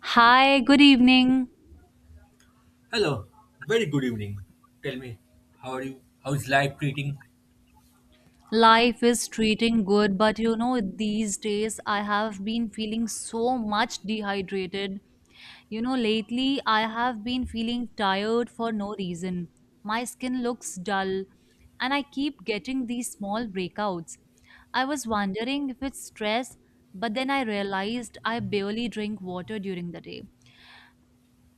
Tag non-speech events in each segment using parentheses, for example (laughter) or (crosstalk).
Hi, good evening. Hello, very good evening. Tell me, how are you? How is life treating? Life is treating good, but these days I have been feeling so much dehydrated. Lately I have been feeling tired for no reason. My skin looks dull, and I keep getting these small breakouts. I was wondering if it's stress, but then I realized I barely drink water during the day.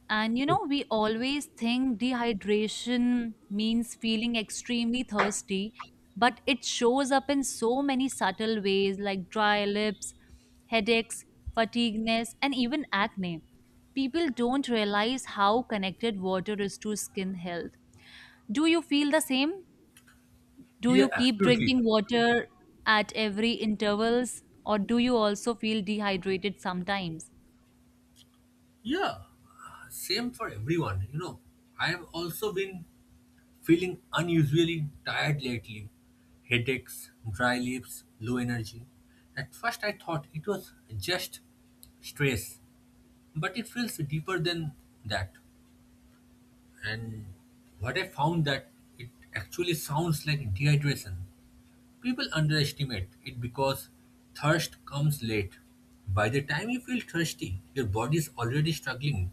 And we always think dehydration means feeling extremely thirsty, but it shows up in so many subtle ways like dry lips, headaches, fatigueness, and even acne. People don't realize how connected water is to skin health. Do you feel the same? Do Yeah, you keep absolutely. drinking water at every intervals or do you also feel dehydrated sometimes? Yeah, same for everyone. You know, I have also been feeling unusually tired lately. Headaches, dry lips, low energy. At first, I thought it was just stress, but it feels deeper than that. And what I found that it actually sounds like dehydration. People underestimate it because thirst comes late. By the time you feel thirsty, your body is already struggling.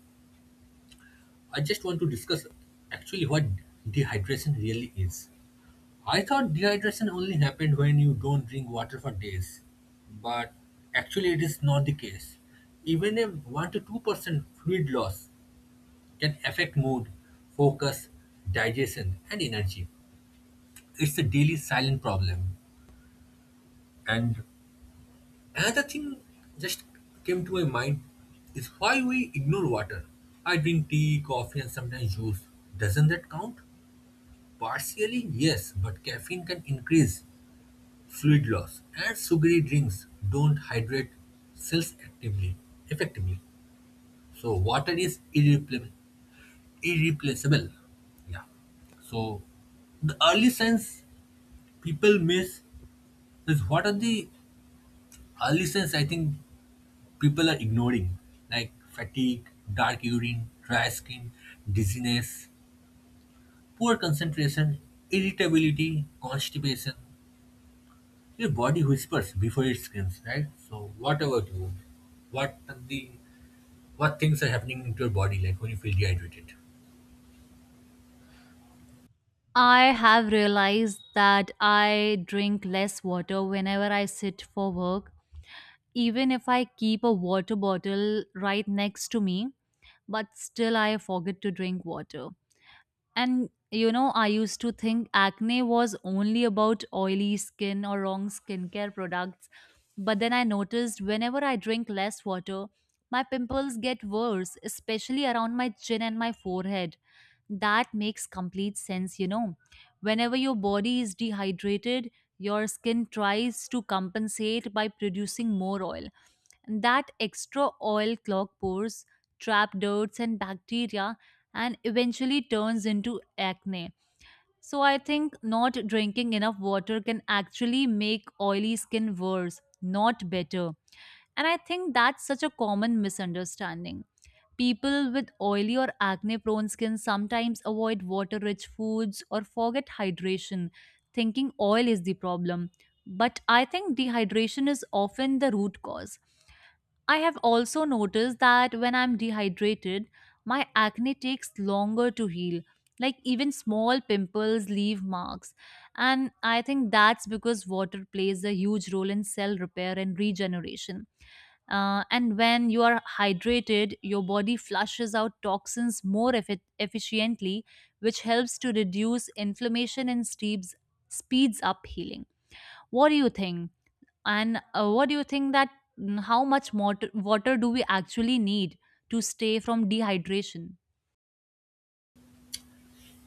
I just want to discuss actually what dehydration really is. I thought dehydration only happened when you don't drink water for days, but actually, it is not the case. Even a 1 to 2% fluid loss can affect mood, focus, digestion, and energy. It's a daily silent problem. And another thing just came to my mind is why we ignore water. I drink tea, coffee, and sometimes juice. Doesn't that count? Partially, yes, but caffeine can increase fluid loss, and sugary drinks don't hydrate cells actively, effectively. So, water is irreplaceable. Yeah. So, the early signs people miss is what are the early signs I think people are ignoring, like fatigue, dark urine, dry skin, dizziness, poor concentration, irritability, constipation. Your body whispers before it screams, right? So what about you? What are the what things are happening into your body like when you feel dehydrated? I have realized that I drink less water whenever I sit for work, even if I keep a water bottle right next to me, but still I forget to drink water. And I used to think acne was only about oily skin or wrong skincare products. But then I noticed whenever I drink less water, my pimples get worse, especially around my chin and my forehead. That makes complete sense, you know. Whenever your body is dehydrated, your skin tries to compensate by producing more oil. And that extra oil clog pores, trap dirt, and bacteria and eventually turns into acne. So I think not drinking enough water can actually make oily skin worse, not better. And I think that's such a common misunderstanding. People with oily or acne prone skin sometimes avoid water rich foods or forget hydration, thinking oil is the problem. But I think dehydration is often the root cause. I have also noticed that when I'm dehydrated, my acne takes longer to heal. Like even small pimples leave marks. And I think that's because water plays a huge role in cell repair and regeneration. And when you are hydrated, your body flushes out toxins more efficiently, which helps to reduce inflammation and speeds up healing. What do you think? And what do you think that how much water do we actually need to stay from dehydration?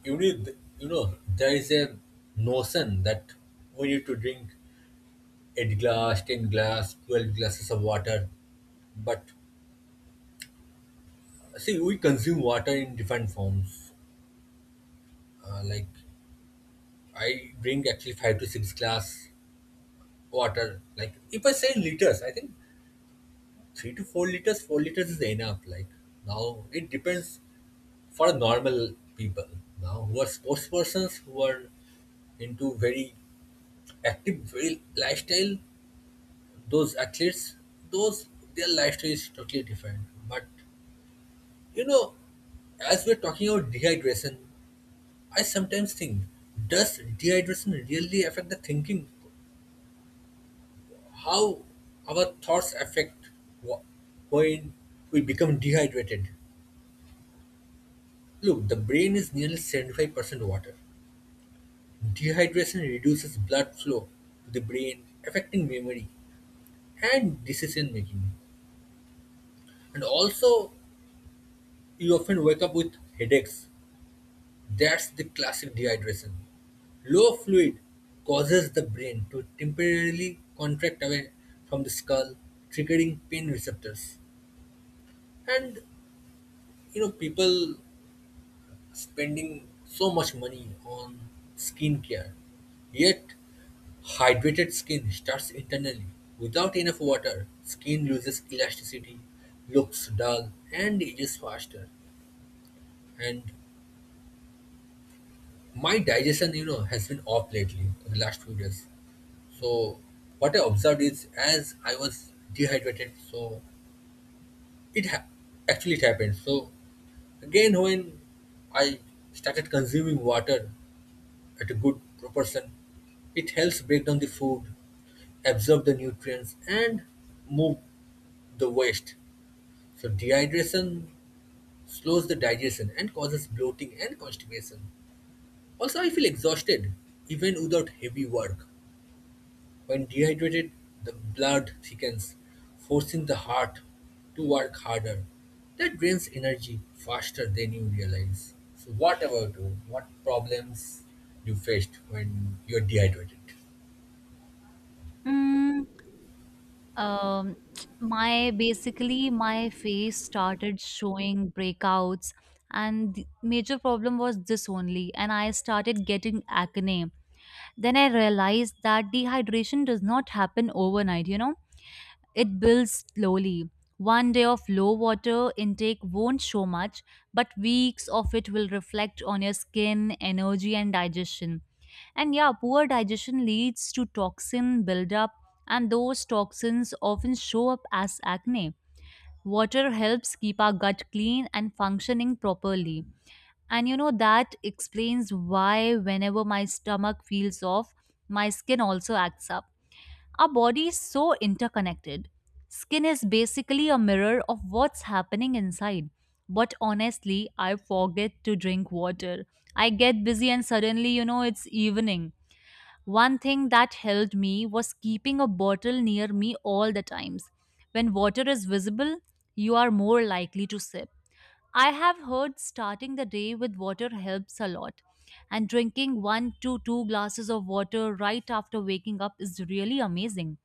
You need you know, there is a notion that we need to drink 8 glass, 10 glass, 12 glasses of water. But see we consume water in different forms. Like I drink actually 5 to 6 glass water. Like if I say liters, I think 3 to 4 liters, 4 liters is enough. Like now it depends for normal people. Now who are sports persons who are into very active very lifestyle, those athletes, those their lifestyle is totally different. But you know, as we're talking about dehydration, I sometimes think, does dehydration really affect the thinking? How our thoughts affect wh- when we become dehydrated. Look, the brain is nearly 75% water. Dehydration reduces blood flow to the brain, affecting memory and decision making. And also, you often wake up with headaches. That's the classic dehydration. Low fluid causes the brain to temporarily contract away from the skull, triggering pain receptors. And you know, people spending so much money on skincare, yet hydrated skin starts internally. Without enough water, skin loses elasticity, looks dull, and ages faster. And my digestion, you know, has been off lately for the last few days. So what I observed is as I was dehydrated, so it ha- actually it happened. So again, when I started consuming water at a good proportion. It helps break down the food, absorb the nutrients, and move the waste. So dehydration slows the digestion and causes bloating and constipation. Also, I feel exhausted even without heavy work. When dehydrated, the blood thickens, forcing the heart to work harder. That drains energy faster than you realize. So, what about you? What problems you faced when you're dehydrated? Mm, um, (tsk) my basically my face started showing breakouts, and the major problem was this only, and I started getting acne. Then I realized that dehydration does not happen overnight. You know, it builds slowly. One day of low water intake won't show much, but weeks of it will reflect on your skin, energy, and digestion. And yeah, poor digestion leads to toxin buildup, and those toxins often show up as acne. Water helps keep our gut clean and functioning properly. And that explains why whenever my stomach feels off, my skin also acts up. Our body is so interconnected. Skin is basically a mirror of what's happening inside. But honestly, I forget to drink water. I get busy and suddenly, you know, it's evening. One thing that helped me was keeping a bottle near me all the times. When water is visible, you are more likely to sip. I have heard starting the day with water helps a lot, and drinking 1 to 2 glasses of water right after waking up is really amazing.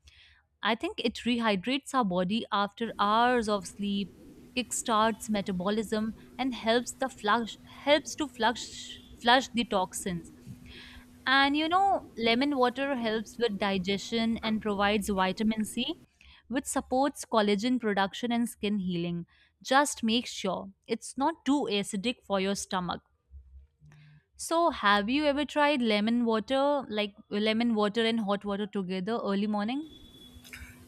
I think it rehydrates our body after hours of sleep, kickstarts metabolism, and helps to flush the toxins. And lemon water helps with digestion and provides vitamin C, which supports collagen production and skin healing. Just make sure it's not too acidic for your stomach. So, have you ever tried lemon water, like lemon water and hot water together early morning?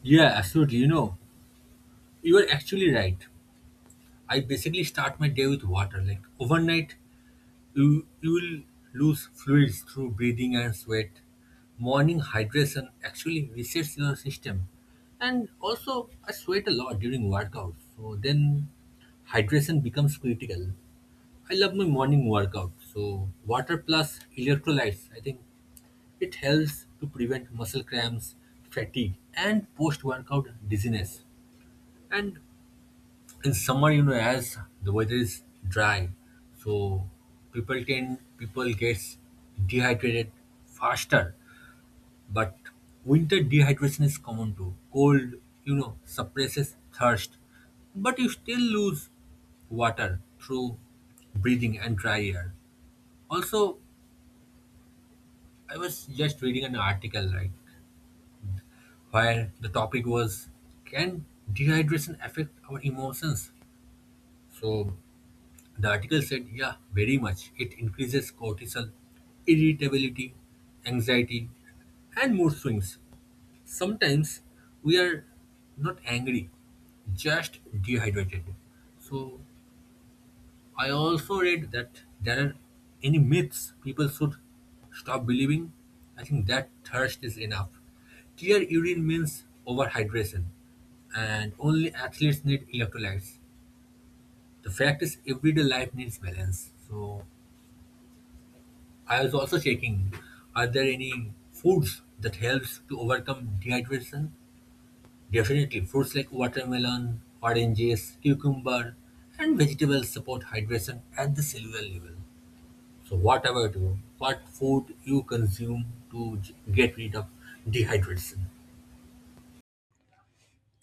Yeah, absolutely. You know, you are actually right. I basically start my day with water. Like overnight, you will lose fluids through breathing and sweat. Morning hydration actually resets your system. And also, I sweat a lot during workouts. So then, hydration becomes critical. I love my morning workout. So water plus electrolytes, I think it helps to prevent muscle cramps, fatigue, and post-workout dizziness. And in summer, you know, as the weather is dry, so people tend, people gets dehydrated faster, but winter dehydration is common too. Cold, you know, suppresses thirst, but you still lose water through breathing and dry air. Also, I was just reading an article, right, where the topic was, can dehydration affect our emotions? So the article said, yeah, very much. It increases cortisol, irritability, anxiety, and mood swings. Sometimes we are not angry, just dehydrated. So, I also read that there are any myths people should stop believing. I think that thirst is enough. Clear urine means overhydration, and only athletes need electrolytes. The fact is, everyday life needs balance. So, I was also checking, are there any foods that helps to overcome dehydration? Definitely, fruits like watermelon, oranges, cucumber, and vegetables support hydration at the cellular level. So, what about you? What food you consume to get rid of dehydration?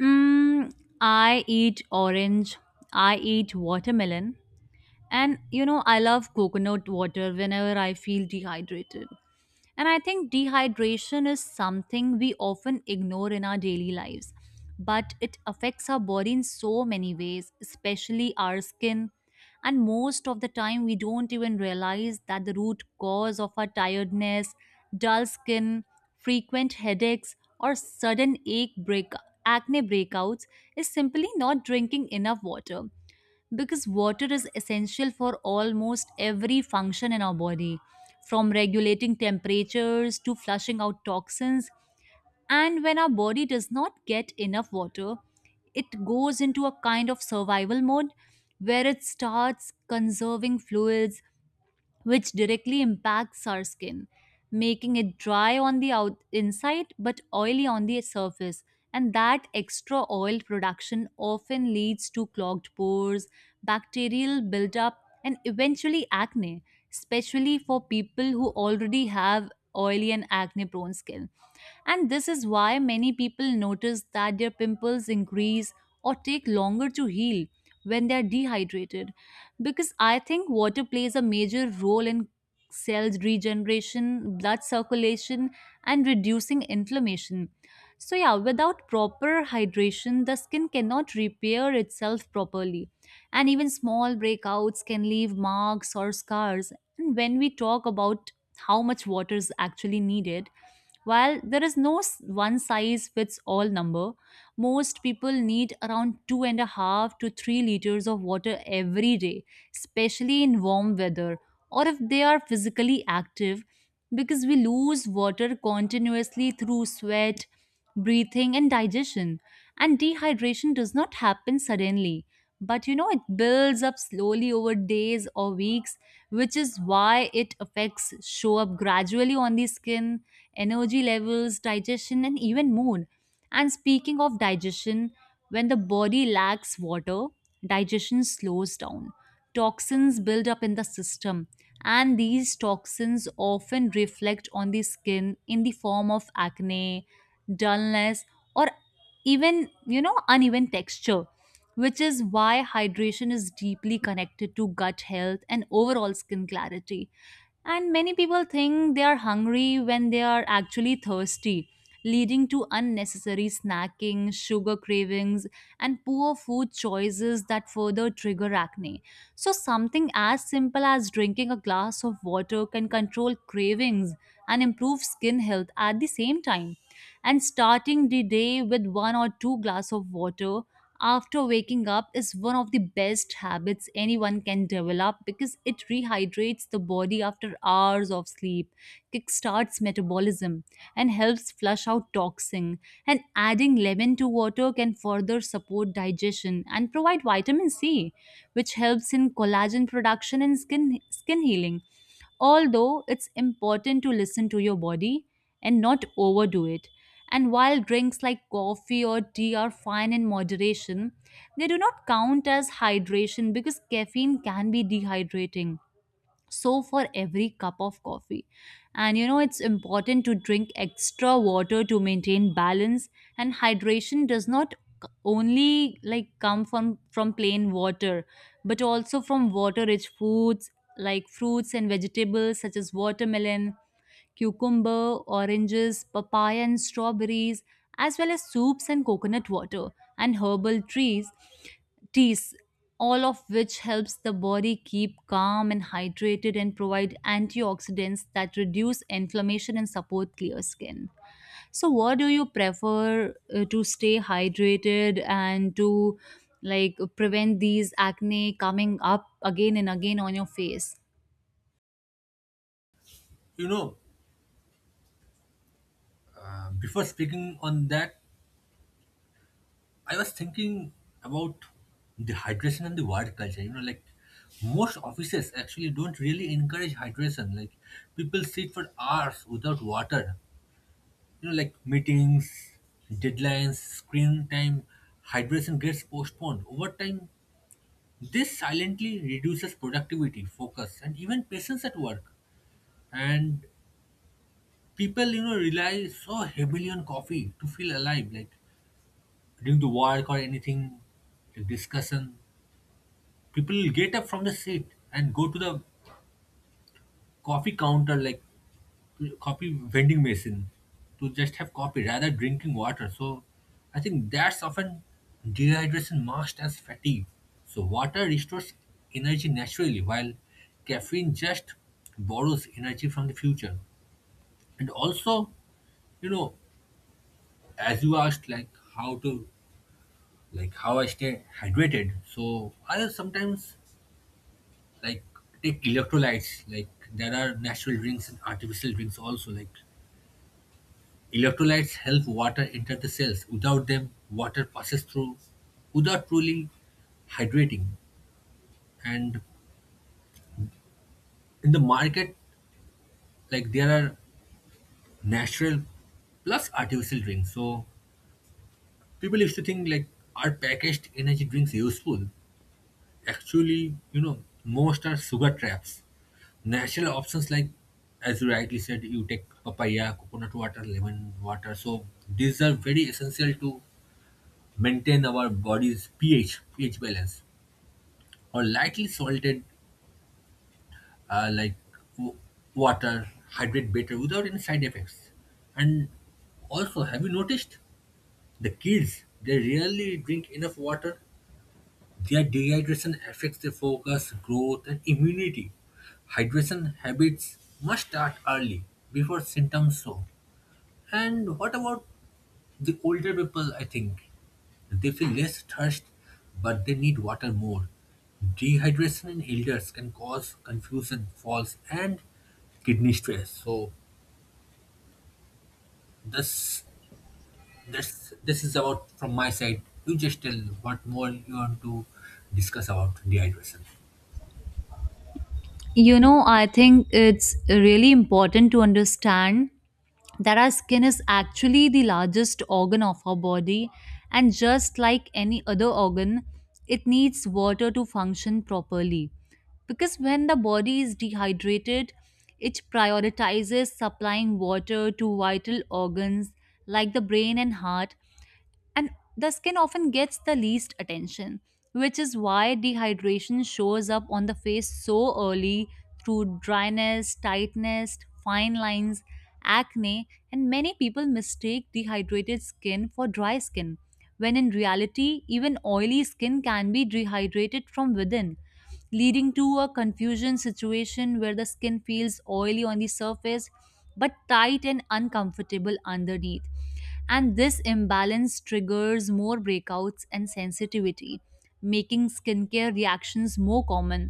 Mm, I eat orange. I eat watermelon. And I love coconut water whenever I feel dehydrated. And I think dehydration is something we often ignore in our daily lives, but it affects our body in so many ways, especially our skin. And most of the time, we don't even realize that the root cause of our tiredness, dull skin, frequent headaches, or acne breakouts is simply not drinking enough water because water is essential for almost every function in our body, from regulating temperatures to flushing out toxins. And when our body does not get enough water, it goes into a kind of survival mode where it starts conserving fluids which directly impacts our skin, making it dry on the inside but oily on the surface. And that extra oil production often leads to clogged pores, bacterial buildup, and eventually acne, especially for people who already have oily and acne prone skin. And this is why many people notice that their pimples increase or take longer to heal when they are dehydrated. Because I think water plays a major role in cells regeneration, blood circulation, and reducing inflammation. So, yeah, without proper hydration, the skin cannot repair itself properly. And even small breakouts can leave marks or scars. And when we talk about how much water is actually needed, while there is no one size fits all number, most people need around 2.5 to 3 liters of water every day, especially in warm weather or if they are physically active, because we lose water continuously through sweat, breathing, and digestion. And dehydration does not happen suddenly, but you know, it builds up slowly over days or weeks, which is why it affects show up gradually on the skin energy levels, digestion, and even mood. And speaking of digestion, when the body lacks water, digestion slows down. Toxins build up in the system, and these toxins often reflect on the skin in the form of acne, dullness, or even, you know, uneven texture, which is why hydration is deeply connected to gut health and overall skin clarity. And many people think they are hungry when they are actually thirsty, leading to unnecessary snacking, sugar cravings, and poor food choices that further trigger acne. So, something as simple as drinking a glass of water can control cravings and improve skin health at the same time. And starting the day with 1 or 2 glass of water after waking up is one of the best habits anyone can develop because it rehydrates the body after hours of sleep, kickstarts metabolism, and helps flush out toxin. And adding lemon to water can further support digestion and provide vitamin C, which helps in collagen production and skin healing. Although it's important to listen to your body and not overdo it. And while drinks like coffee or tea are fine in moderation, they do not count as hydration because caffeine can be dehydrating so for every cup of coffee and it's important to drink extra water to maintain balance and hydration does not only like come from plain water but also from water rich foods like fruits and vegetables such as watermelon cucumber, oranges, papaya, and strawberries, as well as soups and coconut water and teas, all of which helps the body keep calm and hydrated and provide antioxidants that reduce inflammation and support clear skin. So, what do you prefer to stay hydrated and to like prevent these acne coming up again and again on your face? You know, before speaking on that, I was thinking about the hydration and the work culture. You know, like most offices actually don't really encourage hydration. Like people sit for hours without water. You know, like meetings, deadlines, screen time, hydration gets postponed. Over time, this silently reduces productivity, focus, and even patience at work. And people, you know, rely so heavily on coffee to feel alive. Like during the work or anything, like discussion, people get up from the seat and go to the coffee counter, like coffee vending machine, to just have coffee rather drinking water. So I think that's often dehydration masked as fatigue. So water restores energy naturally, while caffeine just borrows energy from the future. And also, you know, as you asked, like how to, like how I stay hydrated. So I sometimes like take electrolytes, like there are natural drinks and artificial drinks also. Like electrolytes help water enter the cells. Without them, water passes through without truly hydrating. And in the market, like there are natural plus artificial drinks. So people used to think like, are packaged energy drinks useful? Actually, you know, most are sugar traps. Natural options like, as you rightly said, you take papaya, coconut water, lemon water. So these are very essential to maintain our body's pH balance. Or lightly salted, like w- water, hydrate better without any side effects. And also, have you noticed the kids? They rarely drink enough water. Their dehydration affects their focus, growth, and immunity. Hydration habits must start early before symptoms show. And what about the older people? I think they feel less thirst, but they need water more. Dehydration in elders can cause confusion, falls, and kidney stress. So this this is about from my side. You just tell what more you want to discuss about dehydration. You know, I think it's really important to understand that our skin is actually the largest organ of our body, and just like any other organ, it needs water to function properly. Because when the body is dehydrated, it prioritizes supplying water to vital organs like the brain and heart, and the skin often gets the least attention, which is why dehydration shows up on the face so early through dryness, tightness, fine lines, acne, and many people mistake dehydrated skin for dry skin, when in reality, even oily skin can be dehydrated from within. Leading to a confusion situation where the skin feels oily on the surface but tight and uncomfortable underneath and this imbalance triggers more breakouts and sensitivity, making skincare reactions more common.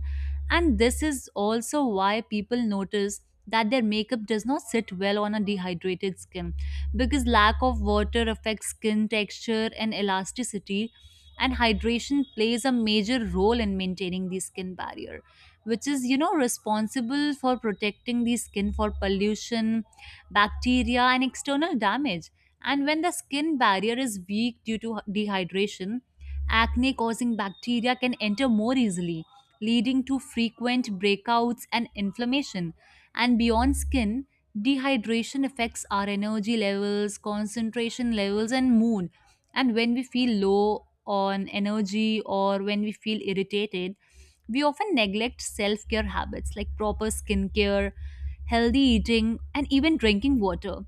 And this is also why people notice that their makeup does not sit well on a dehydrated skin because lack of water affects skin texture and elasticity and hydration plays a major role in maintaining the skin barrier which is you know responsible for protecting the skin for pollution bacteria and external damage and when the skin barrier is weak due to dehydration, acne causing bacteria can enter more easily, leading to frequent breakouts and inflammation. And beyond skin, dehydration affects our energy levels, concentration levels, and mood. And when we feel low on energy or when we feel irritated, we often neglect self care habits like proper skincare, healthy eating, and even drinking water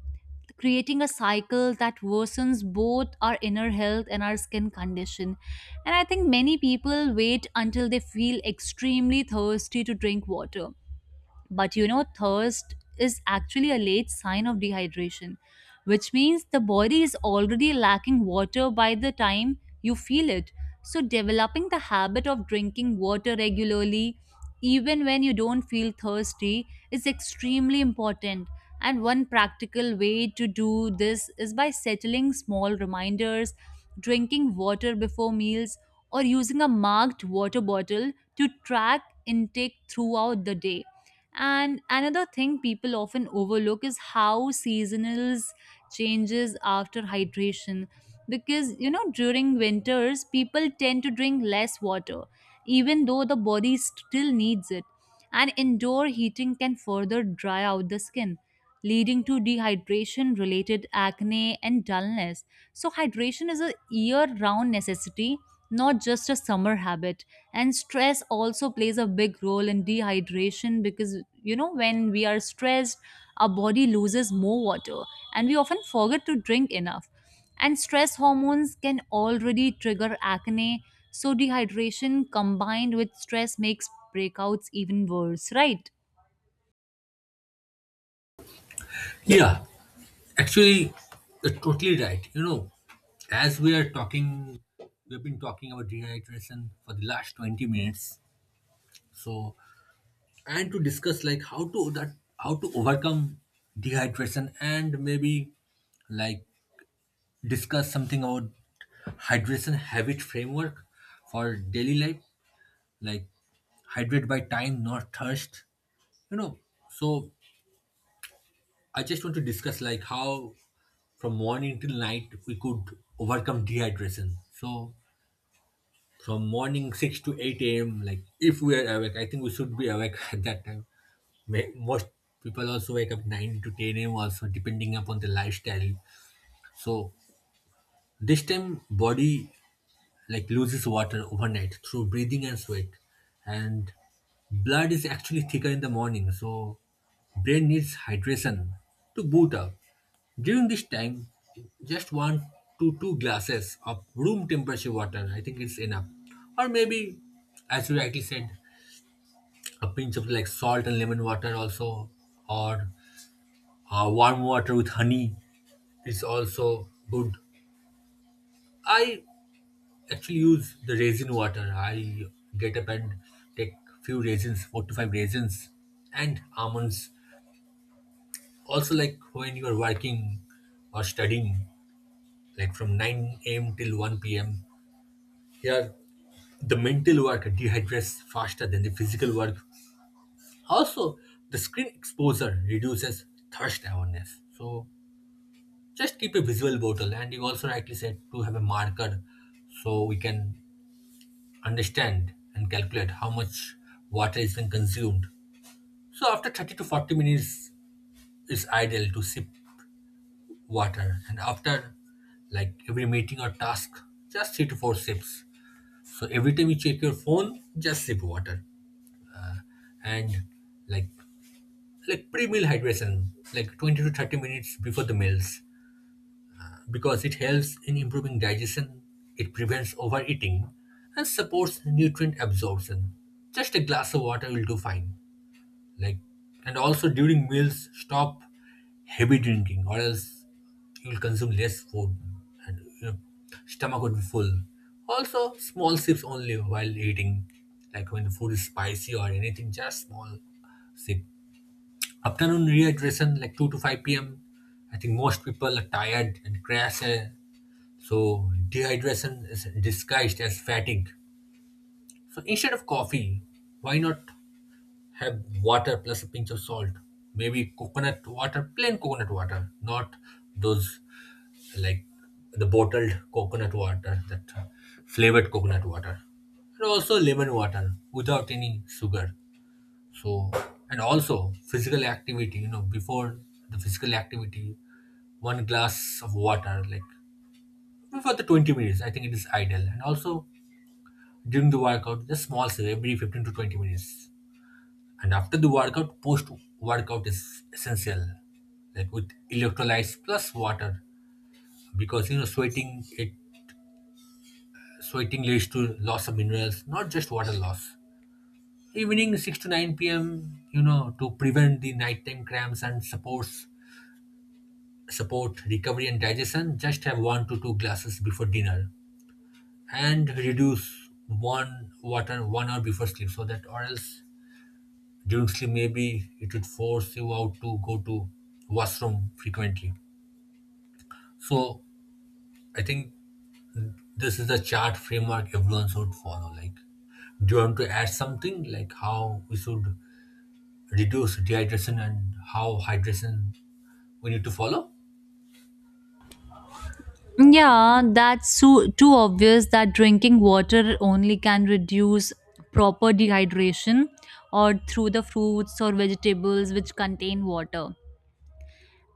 creating a cycle that worsens both our inner health and our skin condition. And I think many people wait until they feel extremely thirsty to drink water. But you know, thirst is actually a late sign of dehydration, which means the body is already lacking water by the time you feel it. So, developing the habit of drinking water regularly, even when you don't feel thirsty, is extremely important. And one practical way to do this is by settling small reminders, drinking water before meals, or using a marked water bottle to track intake throughout the day. And another thing people often overlook is how seasonals changes after hydration, because you know during winters people tend to drink less water even though the body still needs it, and indoor heating can further dry out the skin, leading to dehydration related acne and dullness. So hydration is a year round necessity, not just a summer habit. And stress also plays a big role in dehydration, because you know when we are stressed our body loses more water and we often forget to drink enough, and stress hormones can already trigger acne. So dehydration combined with stress makes breakouts even worse, right? Yeah, actually, you're totally right. You know, as we are talking, we've been talking about dehydration for the last 20 minutes. So, and to discuss like how to overcome dehydration, and maybe like discuss something about hydration habit framework for daily life, like hydrate by time, not thirst, you know. So I just want to discuss like how from morning till night we could overcome dehydration. So from morning 6 to 8 a.m., like if we are awake, I think we should be awake (laughs) at that time. Most people also wake up 9 to 10 a.m. also depending upon the lifestyle. So this time body like loses water overnight through breathing and sweat, and blood is actually thicker in the morning, so brain needs hydration to boot up during this time. Just one to two glasses of room temperature water, I think it's enough. Or maybe, as you rightly said, a pinch of like salt and lemon water also. Or warm water with honey is also good. I actually use the raisin water. I get up and take few raisins, 4 to 5 raisins, and almonds. Also, like when you are working or studying, like from 9 a.m. till 1 p.m., here the mental work dehydrates faster than the physical work. Also, the screen exposure reduces thirst awareness. So, just keep a visual bottle, and you also rightly said to have a marker so we can understand and calculate how much water is being consumed. So, after 30 to 40 minutes, it's ideal to sip water, and after like every meeting or task, just 3 to 4 sips. So, every time you check your phone, just sip water, and like, pre-meal hydration, like 20 to 30 minutes before the meals, because it helps in improving digestion, it prevents overeating, and supports nutrient absorption. Just a glass of water will do fine. Like, and also during meals, stop heavy drinking, or else you'll consume less food, and your stomach would be full. Also, small sips only while eating. Like when the food is spicy or anything, just small sip. Afternoon rehydration, like 2 to 5 p.m. I think most people are tired and crash, so dehydration is disguised as fatigue. So instead of coffee, why not have water plus a pinch of salt? Maybe coconut water, plain coconut water, not those like the bottled coconut water, that flavored coconut water. And also lemon water without any sugar. So, and also physical activity, you know, before the physical activity, one glass of water like before the 20 minutes, I think it is ideal. And also during the workout, just small sip every 15 to 20 minutes. And after the workout, post workout is essential, like with electrolytes plus water, because you know sweating it sweating leads to loss of minerals, not just water loss. Evening 6 to 9 p.m. You know, to prevent the nighttime cramps and support recovery and digestion. Just have 1 to 2 glasses before dinner, and reduce one water 1 hour before sleep, so that, or else during sleep maybe it would force you out to go to washroom frequently. So I think this is the chart framework everyone should follow. Like, do you want to add something like how we should reduce dehydration and how hydration we need to follow? Yeah, that's too obvious that drinking water only can reduce proper dehydration, or through the fruits or vegetables which contain water.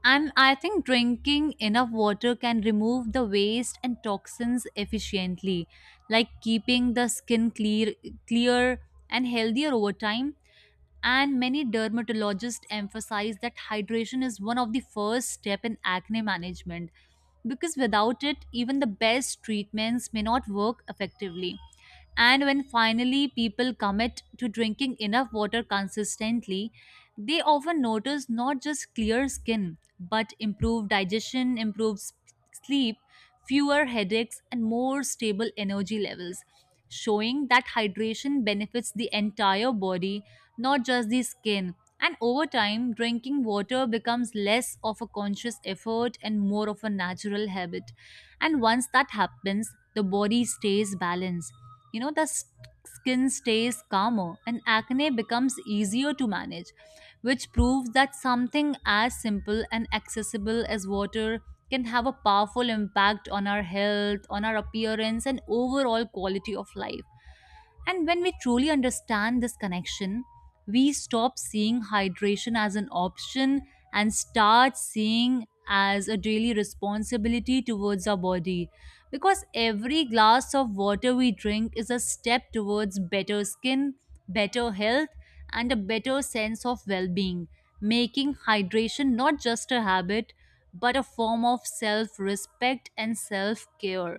And I think drinking enough water can remove the waste and toxins efficiently, like keeping the skin clear and healthier over time. And many dermatologists emphasize that hydration is one of the first step in acne management, because without it, even the best treatments may not work effectively. And when finally people commit to drinking enough water consistently, they often notice not just clear skin, but improved digestion, sleep, fewer headaches, and more stable energy levels, showing that hydration benefits the entire body, not just the skin. And over time, drinking water becomes less of a conscious effort and more of a natural habit. And once that happens, the body stays balanced, you know, the skin stays calmer and acne becomes easier to manage, which proves that something as simple and accessible as water can have a powerful impact on our health, on our appearance, and overall quality of life. And when we truly understand this connection, we stop seeing hydration as an option and start seeing as a daily responsibility towards our body, because every glass of water we drink is a step towards better skin, better health, and a better sense of well being, making hydration not just a habit but a form of self respect and self care.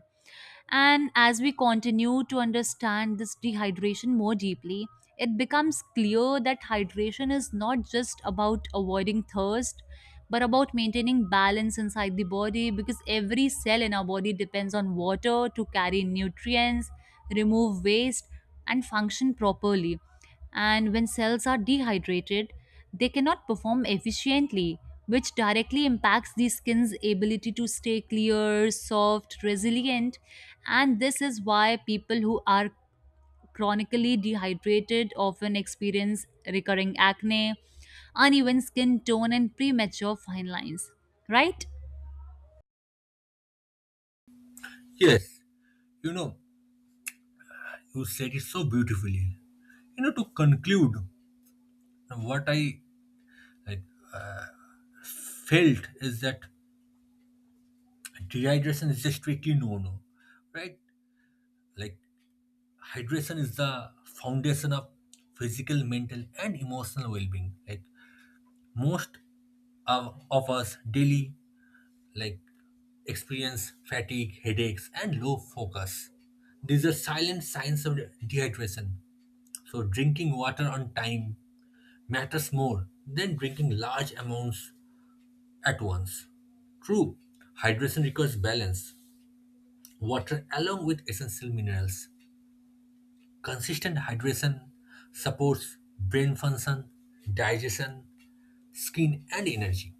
And as we continue to understand this dehydration more deeply, it becomes clear that hydration is not just about avoiding thirst, but about maintaining balance inside the body, because every cell in our body depends on water to carry nutrients, remove waste, and function properly. And when cells are dehydrated, they cannot perform efficiently, which directly impacts the skin's ability to stay clear, soft, resilient. And this is why people who are chronically dehydrated often experience recurring acne, uneven skin tone, and premature fine lines. Right? Yes, you know, you said it so beautifully. You know, to conclude what I like felt is that dehydration is a strictly no no, right? Like, hydration is the foundation of physical, mental, and emotional well-being. Like most of us daily, like experience fatigue, headaches, and low focus. These are silent signs of dehydration. So drinking water on time matters more than drinking large amounts at once. True, hydration requires balance, water along with essential minerals. Consistent hydration supports brain function, digestion, skin, and energy.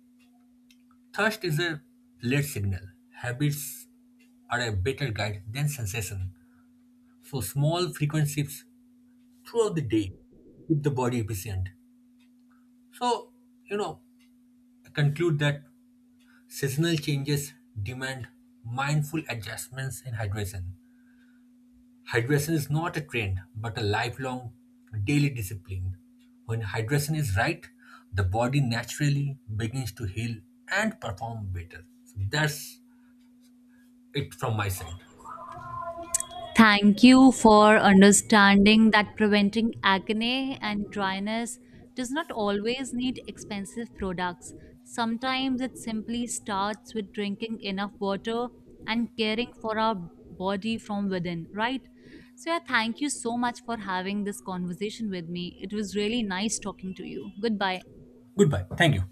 Thirst is a late signal. Habits are a better guide than sensation. So, small frequent shifts throughout the day keep the body efficient. So, you know, I conclude that seasonal changes demand mindful adjustments in hydration. Hydration is not a trend, but a lifelong daily discipline. When hydration is right, the body naturally begins to heal and perform better. So that's it from my side. Thank you for understanding that preventing acne and dryness does not always need expensive products. Sometimes it simply starts with drinking enough water and caring for our body from within, right? So, yeah, thank you so much for having this conversation with me. It was really nice talking to you. Goodbye. Goodbye. Thank you.